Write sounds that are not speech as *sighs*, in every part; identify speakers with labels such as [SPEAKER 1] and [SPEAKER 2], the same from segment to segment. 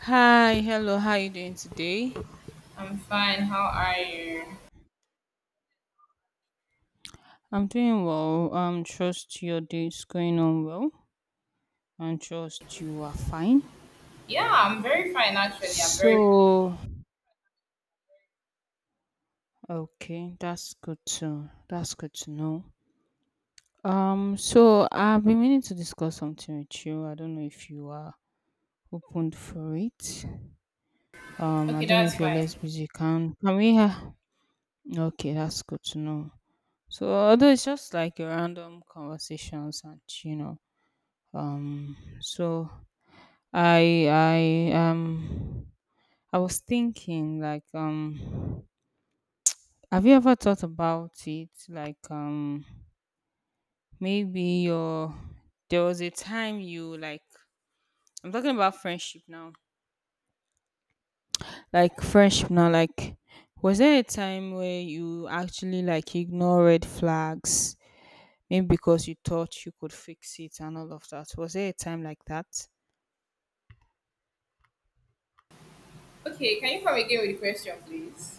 [SPEAKER 1] Hi, hello. How are you doing today?
[SPEAKER 2] I'm fine. How are you?
[SPEAKER 1] I'm doing well. Trust your day is going on well, and trust you are fine.
[SPEAKER 2] Yeah, I'm very fine actually. I'm very
[SPEAKER 1] So, Okay, that's good to know. So I've been meaning to discuss something with you. I don't know if you are open for it. I
[SPEAKER 2] Okay.
[SPEAKER 1] don't know
[SPEAKER 2] That's
[SPEAKER 1] if you're
[SPEAKER 2] fine.
[SPEAKER 1] less busy. Can we? Okay, that's good to know. So although it's just like a random conversations, and so I I um I was thinking, like, have you ever thought about it, like, maybe your there was a time you like. I'm talking about friendship now. Like, friendship now, like, was there a time where you actually, like, ignore red flags maybe because you thought you could fix it and all of that? Was there a time like that?
[SPEAKER 2] Okay, can you come again with the question, please?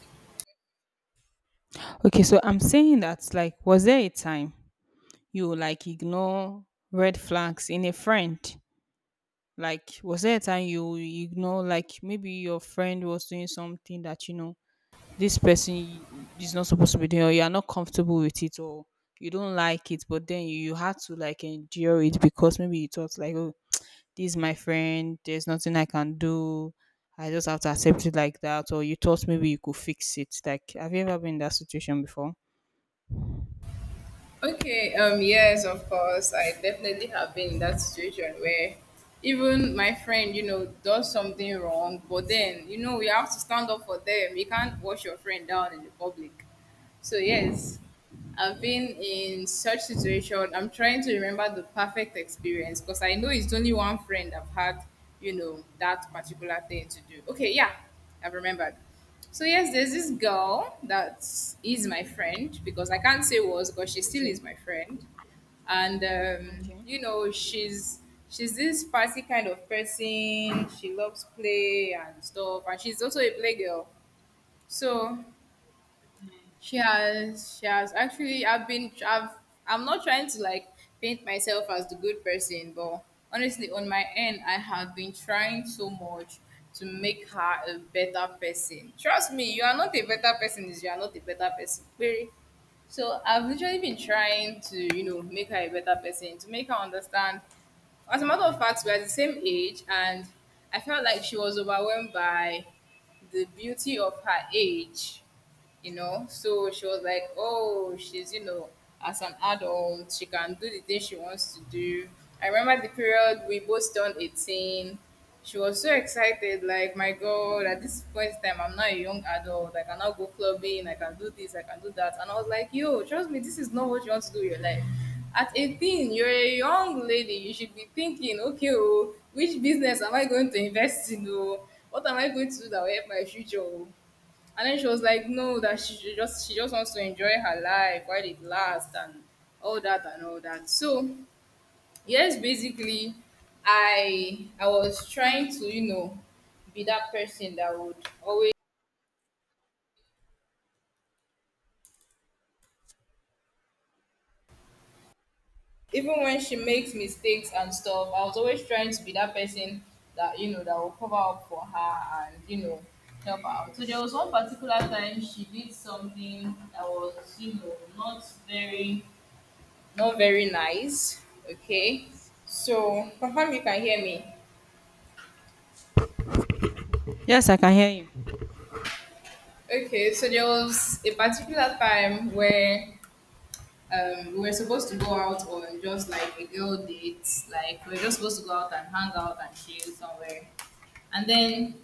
[SPEAKER 1] Okay, so I'm saying that, like, was there a time you, like, ignore red flags in a friend? Like, was there a time you ignore, like, maybe your friend was doing something that you know this person is not supposed to be doing, or you are not comfortable with it, or you don't like it, but then you had to like endure it because maybe you thought, like, oh, this is my friend, there's nothing I can do, I just have to accept it like that, or you thought maybe you could fix it. Like, have you ever been in that situation before?
[SPEAKER 2] Okay. Yes, of course. I definitely have been in that situation where even my friend does something wrong, but then you know we have to stand up for them. You can't wash your friend down in the public. So yes, I've been in such situation. I'm trying to remember the perfect experience because I know it's only one friend I've had, that particular thing to do. Okay, yeah, I've remembered. So yes, there's this girl that is my friend because I can't say was because she still
[SPEAKER 1] Okay.
[SPEAKER 2] is my friend, and
[SPEAKER 1] Okay.
[SPEAKER 2] you know she's this party kind of person. She loves play and stuff, and she's also a playgirl. So she has actually. I'm not trying to like paint myself as the good person, but honestly, on my end, I have been trying so much to make her a better person. Trust me, you are not a better person if you are not a better person. Period. So I've literally been trying to make her a better person, to make her understand. As a matter of fact, we're the same age, and I felt like she was overwhelmed by the beauty of her age. So she was like, oh, she's as an adult, she can do the thing she wants to do. I remember the period we both turned 18. She was so excited, like, my God, at this point in time, I'm not a young adult. Like, I cannot go clubbing. I can do this. I can do that. And I was like, yo, trust me, this is not what you want to do with your life. At 18, you're a young lady. You should be thinking, okay, oh, which business am I going to invest in? Oh, what am I going to do that will help my future? Oh? And then she was like, no, that she just wants to enjoy her life while it lasts and all that and all that. So yes, basically, I was trying to be that person that would always even when she makes mistakes and stuff, I was always trying to be that person that, that will cover up for her and help out. So there was one particular time she did something that was not very nice. Okay. So confirm you can hear me.
[SPEAKER 1] Yes, I can hear you.
[SPEAKER 2] Okay, so there was a particular time where we were supposed to go out on just like a girl date. Like we were just supposed to go out and hang out and chill somewhere. And then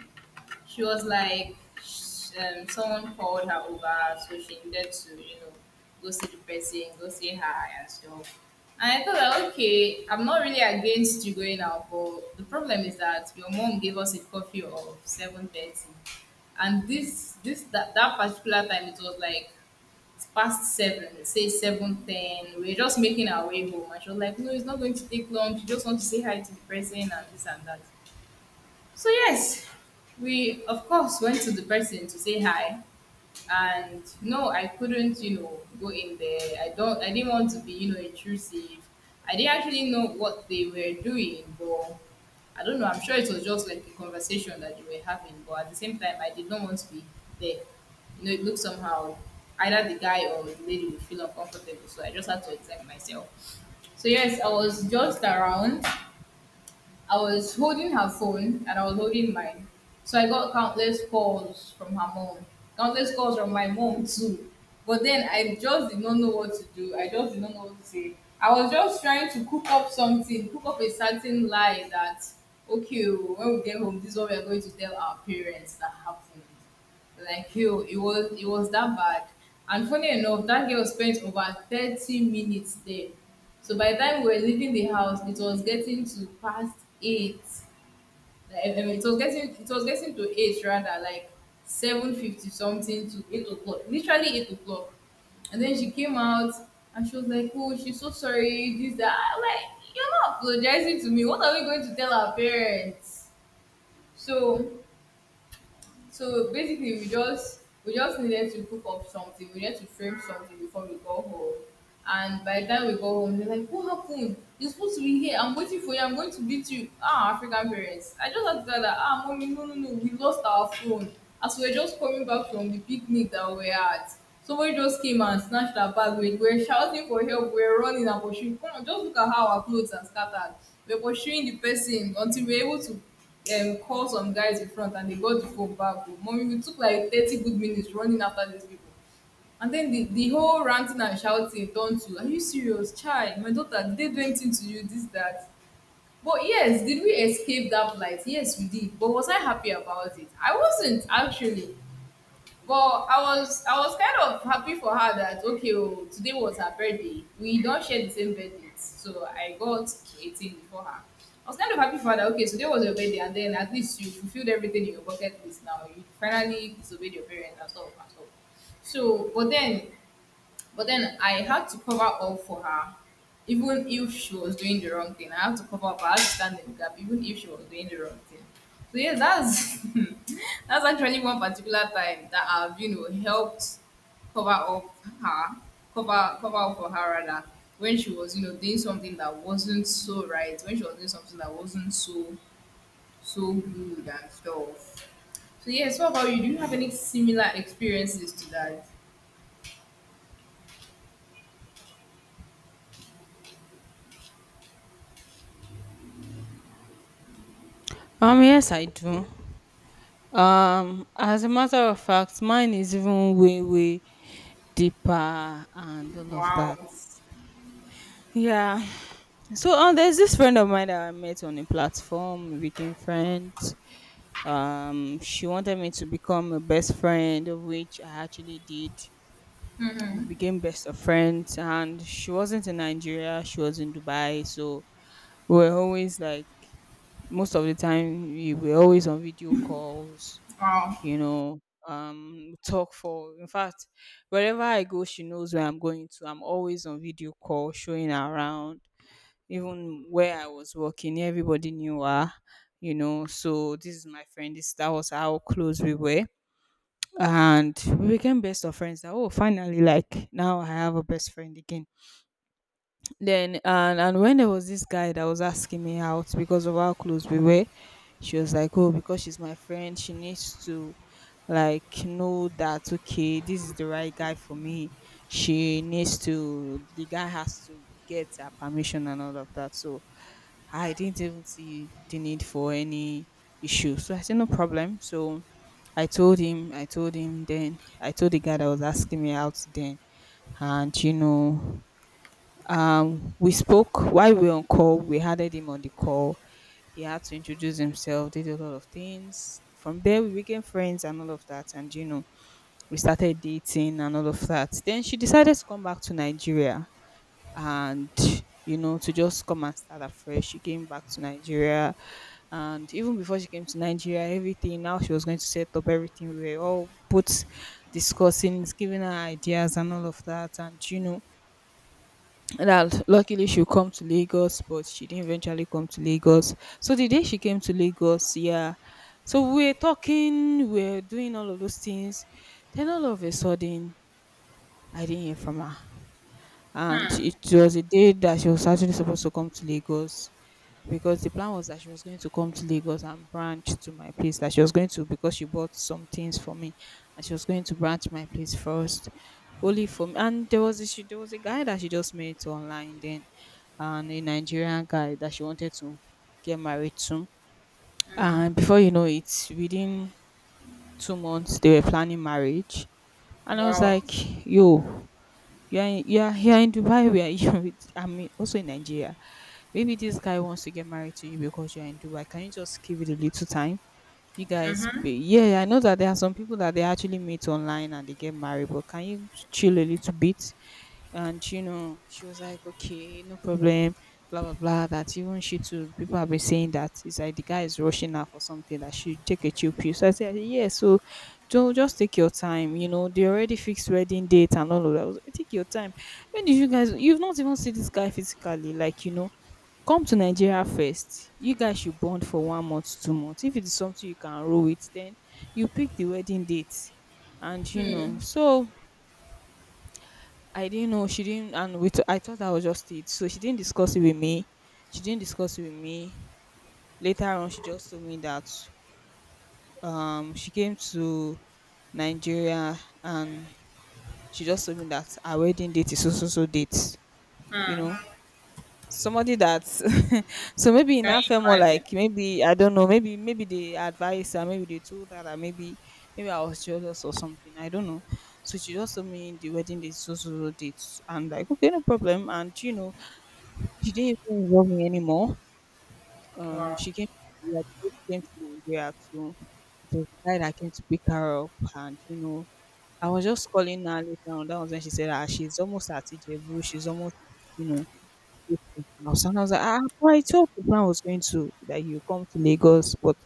[SPEAKER 2] she was like, someone called her over, so she needed to go see the person, go say hi and stuff. And I thought, that, okay, I'm not really against you going out, but the problem is that your mom gave us a curfew of 7:30, and that particular time it was like it's past seven, say 7:10. We're just making our way home, and she was like, "No, it's not going to take long. She just wants to say hi to the person and this and that." So yes, we of course went to the person to say hi, and no, I couldn't go in there. I didn't want to be intrusive. I didn't actually know what they were doing, but I don't know. I'm sure it was just like a conversation that they were having, but at the same time, I did not want to be there. It looked somehow either the guy or the lady would feel uncomfortable, so I just had to exempt myself. So yes, I was holding her phone and I was holding mine. So I got countless calls from her mom, countless calls from my mom too. But then I just did not know what to do. I just did not know what to say. I was just trying to cook up something, cook up a certain lie that, okay, oh, when we get home, this is what we are going to tell our parents that happened. Like you, it was that bad. And funny enough, that girl spent over 30 minutes there. So by the time we were leaving the house, it was getting to past eight. Like, it was getting to eight rather, like 7:50 something to 8 o'clock. Literally 8 o'clock. And then she came out and she was like, oh, she's so sorry, this, that. I'm like, you're not apologizing to me. What are we going to tell our parents? So basically, we just needed to cook up something. We needed to frame something before we go home. And by the time we go home, they're like, "What happened? You're supposed to be here. I'm waiting for you. I'm going to beat you." Ah, African parents. I just had to tell that. Ah, mommy, no, no, no. We lost our phone as we were just coming back from the picnic that we were at. Somebody just came and snatched our bag. We were shouting for help. We were running and pursuing. Come on, just look at how our clothes are scattered. We were pursuing the person until we were able to call some guys in front and they got the phone back. Oh. Mommy, we took like 30 good minutes running after these people. And then the whole ranting and shouting turned to, are you serious? Child? My daughter, did they do anything to you? This, that. But yes, did we escape that plight? Yes, we did. But was I happy about it? I wasn't actually. But I was kind of happy for her that okay, oh, today was her birthday. We don't share the same birthdays, so I got 18 for her. I was kind of happy for her that okay, today was your birthday, and then at least you fulfilled everything in your bucket list. Now you finally disobeyed your parents and stuff and stuff. So, but then I had to cover up for her, even if she was doing the wrong thing. I had to cover up. I had to stand in the gap, even if she was doing the wrong thing. So yeah, that's *laughs* that's actually one particular time that I've you know helped cover up her, cover up for her rather when she was you know doing something that wasn't so right, when she was doing something that wasn't so good and stuff. So yes, what about you? Do you have any similar experiences to that?
[SPEAKER 1] Yes, I do. As a matter of fact, mine is even way, way deeper and all of that.
[SPEAKER 2] Wow,
[SPEAKER 1] Yeah. So, there's this friend of mine that I met on a platform. We became friends. She wanted me to become a best friend, of which I actually did. We became best of friends, and she wasn't in Nigeria. She was in Dubai. So we were always like, most of the time we were always on video calls,
[SPEAKER 2] wow.
[SPEAKER 1] you know, talk for. In fact, wherever I go, she knows where I'm going to. I'm always on video call, showing her around. Even where I was working, everybody knew her. So this is my friend. This that was how close we were, and we became best of friends. That, oh, finally, like, now I have a best friend again, then and when there was this guy that was asking me out because of how close we were, she was like, "Oh, because she's my friend, she needs to, like, know that okay, this is the right guy for me. She needs to. The guy has to get her permission and all of that." So I didn't even see the need for any issue. So I said, no problem. So I told him then, I told the guy that was asking me out then. And, we spoke while we were on call. We had him on the call. He had to introduce himself, did a lot of things. From there, we became friends and all of that. And, we started dating and all of that. Then she decided to come back to Nigeria, and, to just come and start afresh. She came back to Nigeria, and even before she came to Nigeria, everything now she was going to set up everything. We were all both discussing, giving her ideas and all of that, and that luckily she'll come to Lagos, but she didn't eventually come to Lagos. So the day she came to Lagos, yeah. So we were talking, we were doing all of those things. Then all of a sudden, I didn't hear from her, and
[SPEAKER 2] Hmm.
[SPEAKER 1] it was a day that she was actually supposed to come to Lagos, because the plan was that she was going to come to Lagos and branch to my place, that she was going to, because she bought some things for me, and she was going to branch my place first, only for me. And there was a guy that she just met online then, and a Nigerian guy that she wanted to get married to. And before you know it, within 2 months they were planning marriage. And I was
[SPEAKER 2] Wow.
[SPEAKER 1] like, yo, you are here in Dubai. *laughs* We are here with, I mean, also in Nigeria. Maybe this guy wants to get married to you because you are in Dubai. Can you just give it a little time? You guys, be-
[SPEAKER 2] Mm-hmm.
[SPEAKER 1] yeah, I know that there are some people that they actually meet online and they get married, but can you chill a little bit? And she was like, okay, no problem, blah blah blah, that even she too, people have been saying that it's like the guy is rushing her for something, that she take a chill pill. So I said, yeah. So don't, just take your time, they already fixed wedding date and all of that. I was like, take your time, when did you've not even seen this guy physically, like, come to Nigeria first. You guys should bond for 1 month, 2 months, if it is something you can roll with, then you pick the wedding date. And so I didn't know she didn't, and I thought that was just it. So she didn't discuss it with me. She didn't discuss it with me. Later on, she just told me that she came to Nigeria, and she just told me that our wedding date is so so so date. You know,
[SPEAKER 2] Mm.
[SPEAKER 1] somebody that *laughs* so maybe in
[SPEAKER 2] Can
[SPEAKER 1] that
[SPEAKER 2] you
[SPEAKER 1] felt more
[SPEAKER 2] imagine?
[SPEAKER 1] like maybe, I don't know, maybe they advised her, maybe they told her that maybe, I was jealous or something, I don't know. So she just told me the wedding date is so so so date, and like, okay, no problem. And she didn't even love me anymore.
[SPEAKER 2] Wow.
[SPEAKER 1] She came, yeah, the day she came to Nigeria too. It was the guy that came to pick her up, and I was just calling her later on. That was when she said, "Ah, she's almost at Ijebu. She's almost, you know." This thing House. And I was like, ah, well, I thought the plan was going to that you come to Lagos, but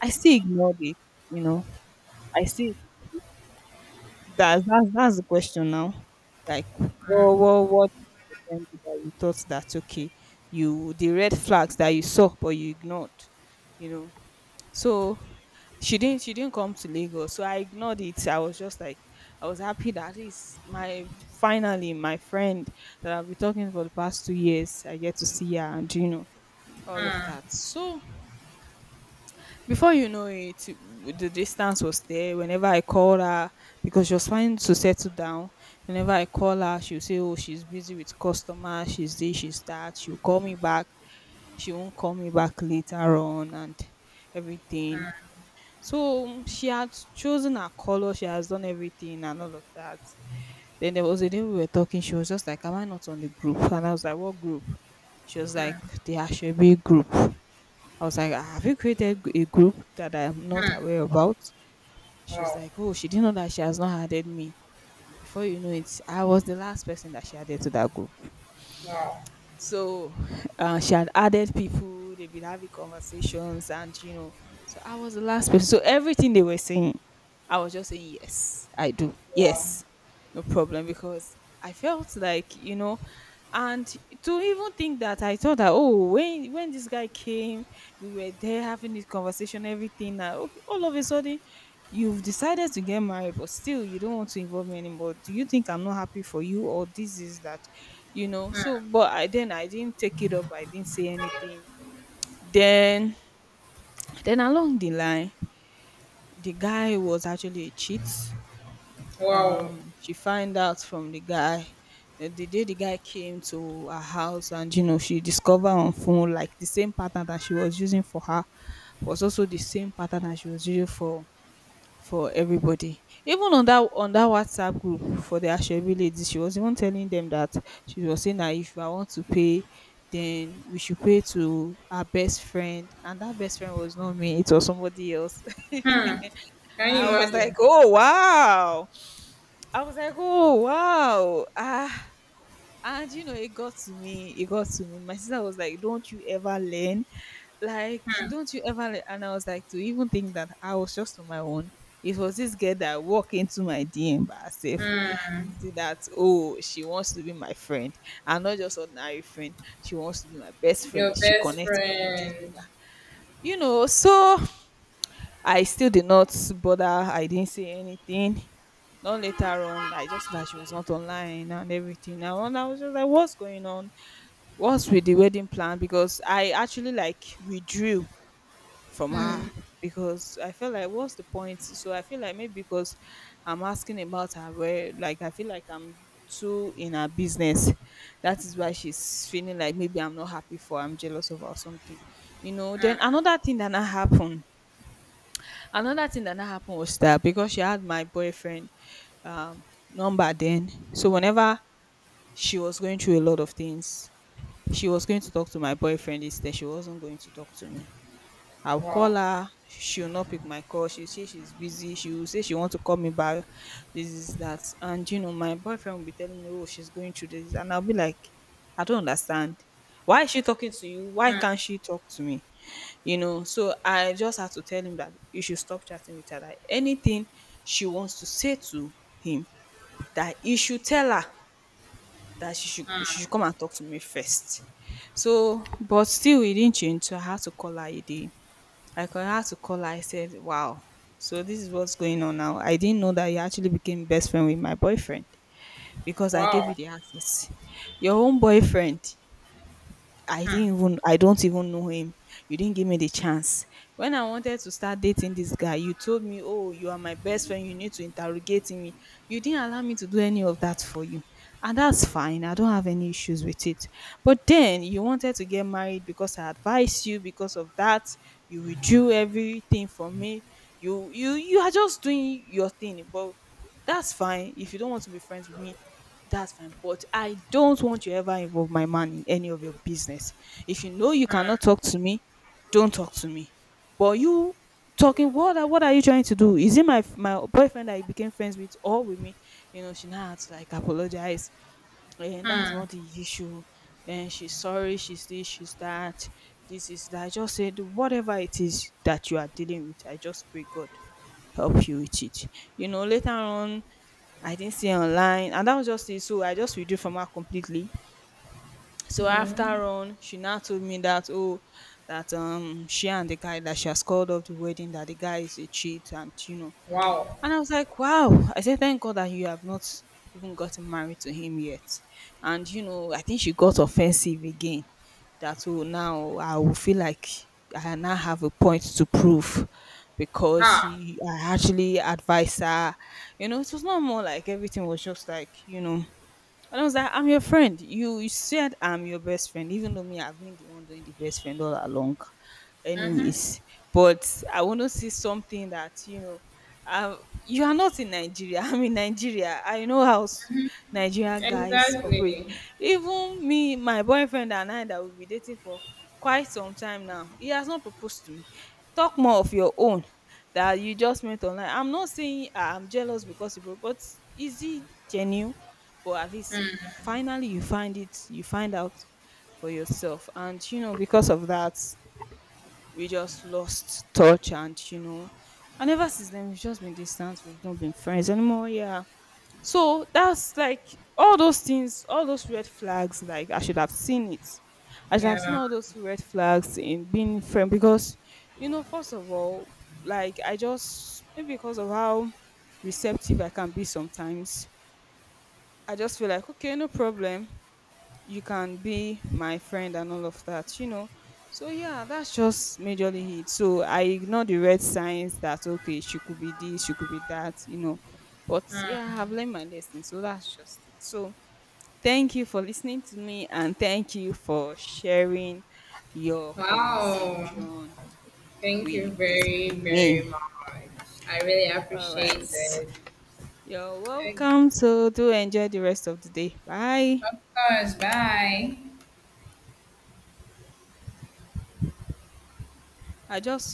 [SPEAKER 1] I still ignored it. You know, I still. That's the question now. Like, what event that you thought that okay, you the red flags that you saw but you ignored, you know. So she didn't come to Lagos, so I ignored it. I was just like, I was happy that at least my, finally, my friend that I've been talking for the past 2 years, I get to see her and all of that. So before you know it, the distance was there. Whenever I call her, because she was trying to settle down, whenever I call her, she'll say, oh, she's busy with customer, she's this, she's that. She'll call me back. She won't call me back later on and everything. So she had chosen her color, she has done everything and all of that. Then there was a day we were talking, she was just like, am I not on the group? And I was like, what group? She was
[SPEAKER 2] Mm.
[SPEAKER 1] like, the Ashebe group. I was like, "Ah, have you created a group that I'm not aware about? She was
[SPEAKER 2] Wow.
[SPEAKER 1] like, oh, she didn't know that she has not added me. Before you know it, I was the last person that she added to that group.
[SPEAKER 2] Wow.
[SPEAKER 1] So *sighs* she had added people, they've been having conversations, and so I was the last person. So everything they were saying, I was just saying, yes, I do.
[SPEAKER 2] Wow.
[SPEAKER 1] Yes, no problem. Because I felt like, and to even think that I thought that, oh, when this guy came, we were there having this conversation, everything, okay, all of a sudden, you've decided to get married, but still you don't want to involve me anymore. Do you think I'm not happy for you, or this is that,
[SPEAKER 2] Mm.
[SPEAKER 1] so but I, then I didn't take it up, I didn't say anything. Then then along the line, the guy was actually a cheat.
[SPEAKER 2] Wow.
[SPEAKER 1] She find out from the guy, the day the guy came to her house. And she discovered on phone like the same pattern that she was using for her was also the same pattern that she was using for everybody. Even on that WhatsApp group for the Ashebi ladies, she was even telling them that she was saying that if I want to pay, then we should pay to our best friend. And that best friend was not me, it was somebody else.
[SPEAKER 2] Hmm.
[SPEAKER 1] *laughs*
[SPEAKER 2] Can you
[SPEAKER 1] I was like,
[SPEAKER 2] imagine?
[SPEAKER 1] oh wow. I was like, oh wow. Ah, and you know, it got to me. It got to me. My sister was like, "Don't you ever learn? Like, don't you ever like," and I was like, to even think that I was just on my own. It was this girl that walked into my DM by herself to
[SPEAKER 2] Hmm.
[SPEAKER 1] see that, oh, she wants to be my friend and not just ordinary friend. She wants to be my best friend.
[SPEAKER 2] Your
[SPEAKER 1] She
[SPEAKER 2] best
[SPEAKER 1] connects with me. This is
[SPEAKER 2] friend.
[SPEAKER 1] that. You know, so I still did not bother. I didn't say anything. Not later on, I just that she was not online and everything, and I was just like, what's going on? What's with the wedding plan? Because I actually like withdrew from her because I feel like what's the point? So I feel like maybe because I'm asking about her where like I feel like I'm too in her business. That is why she's feeling like maybe I'm not happy for, I'm jealous of her or something. You know, then another thing that not happened. Another thing that not happened was that because she had my boyfriend um number then. So whenever she was going through a lot of things, she was going to talk to my boyfriend instead. She wasn't going to talk to me. I'll call
[SPEAKER 2] Wow.
[SPEAKER 1] her, she'll not pick my call. She'll say she's busy. She'll say she wants to call me back. This is that. And you know, my boyfriend will be telling me, "Oh, she's going through this." And I'll be like, I don't understand. Why is she talking to you? Why can't she talk to me? You know, so I just had to tell him that you should stop chatting with her. That anything she wants to say to him, that he should tell her that she should come and talk to me first. So, but still, he didn't change. So I had to call her a day. I call, had to call her. I said, "Wow, so this is what's going on now. I didn't know that you actually became best friend with my boyfriend because I gave you
[SPEAKER 2] Wow.
[SPEAKER 1] the access. Your own boyfriend, I
[SPEAKER 2] Hmm.
[SPEAKER 1] didn't even, I don't even know him. You didn't give me the chance. When I wanted to start dating this guy, you told me, 'Oh, you are my best friend. You need to interrogate me.' You didn't allow me to do any of that for you. And that's fine. I don't have any issues with it. But then you wanted to get married because I advised you, because of that. You withdrew everything from me. You are just doing your thing, but that's fine. If you don't want to be friends with me, that's fine. But I don't want you ever involve my man in any of your business. If you know you cannot talk to me, don't talk to me. But you talking, what are you trying to do? Is it my boyfriend that you became friends with or with me?" You know, she now had to like apologize, and that's not the issue, and she's sorry, she's this, she's that, this is that. I just said, whatever it is that you are dealing with, I just pray God help you with it. You know, later on, I didn't see her online, and that was just it. So I just withdrew from her completely. So after on, she now told me that, oh, that she and the guy that she has called off the wedding, that the guy is a cheat, and you know,
[SPEAKER 2] Wow.
[SPEAKER 1] and I was like, wow. I said, thank God that you have not even gotten married to him yet. And, you know, I think she got offensive again. That, oh, now I will feel like I now have a point to prove because
[SPEAKER 2] Ha.
[SPEAKER 1] he, I actually advised her. You know, it was not more like everything was just like, you know, and I was like, I'm your friend. You said I'm your best friend, even though me, I've been the one doing the best friend all along.
[SPEAKER 2] Mm-hmm.
[SPEAKER 1] Anyways, but I want to see something that, you know, uh, you are not in Nigeria. *laughs* I'm in Nigeria. I know how Nigeria guys operate.
[SPEAKER 2] Exactly.
[SPEAKER 1] Even me, my boyfriend, and I that we've been dating for quite some time now, he has not proposed to me. Talk more of your own that you just met online. I'm not saying, "Ah, I'm jealous because you proposed. Is he genuine?" But at least finally you find it, you find out for yourself. And you know, because of that, we just lost touch, and you know, and ever since then, we've just been distant. We've not been friends anymore, yeah. So that's like, all those things, all those red flags, like I should have seen it. I should have seen
[SPEAKER 2] Yeah.
[SPEAKER 1] all those red flags in being friend. Because, you know, first of all, like I just, maybe because of how receptive I can be sometimes, I just feel like, okay, no problem, you can be my friend and all of that, you know. So yeah, that's just majorly it. So I ignore the red signs that, okay, she could be this, she could be that, you know. But yeah, I've learned my lesson. So that's just it. So thank you for listening to me and thank you for sharing your
[SPEAKER 2] Wow.
[SPEAKER 1] conversation
[SPEAKER 2] Thank you
[SPEAKER 1] with
[SPEAKER 2] very, very
[SPEAKER 1] me.
[SPEAKER 2] much. I really
[SPEAKER 1] All right.
[SPEAKER 2] appreciate it.
[SPEAKER 1] You're welcome. So do enjoy the rest of the day. Bye.
[SPEAKER 2] Of course. Bye.
[SPEAKER 1] I just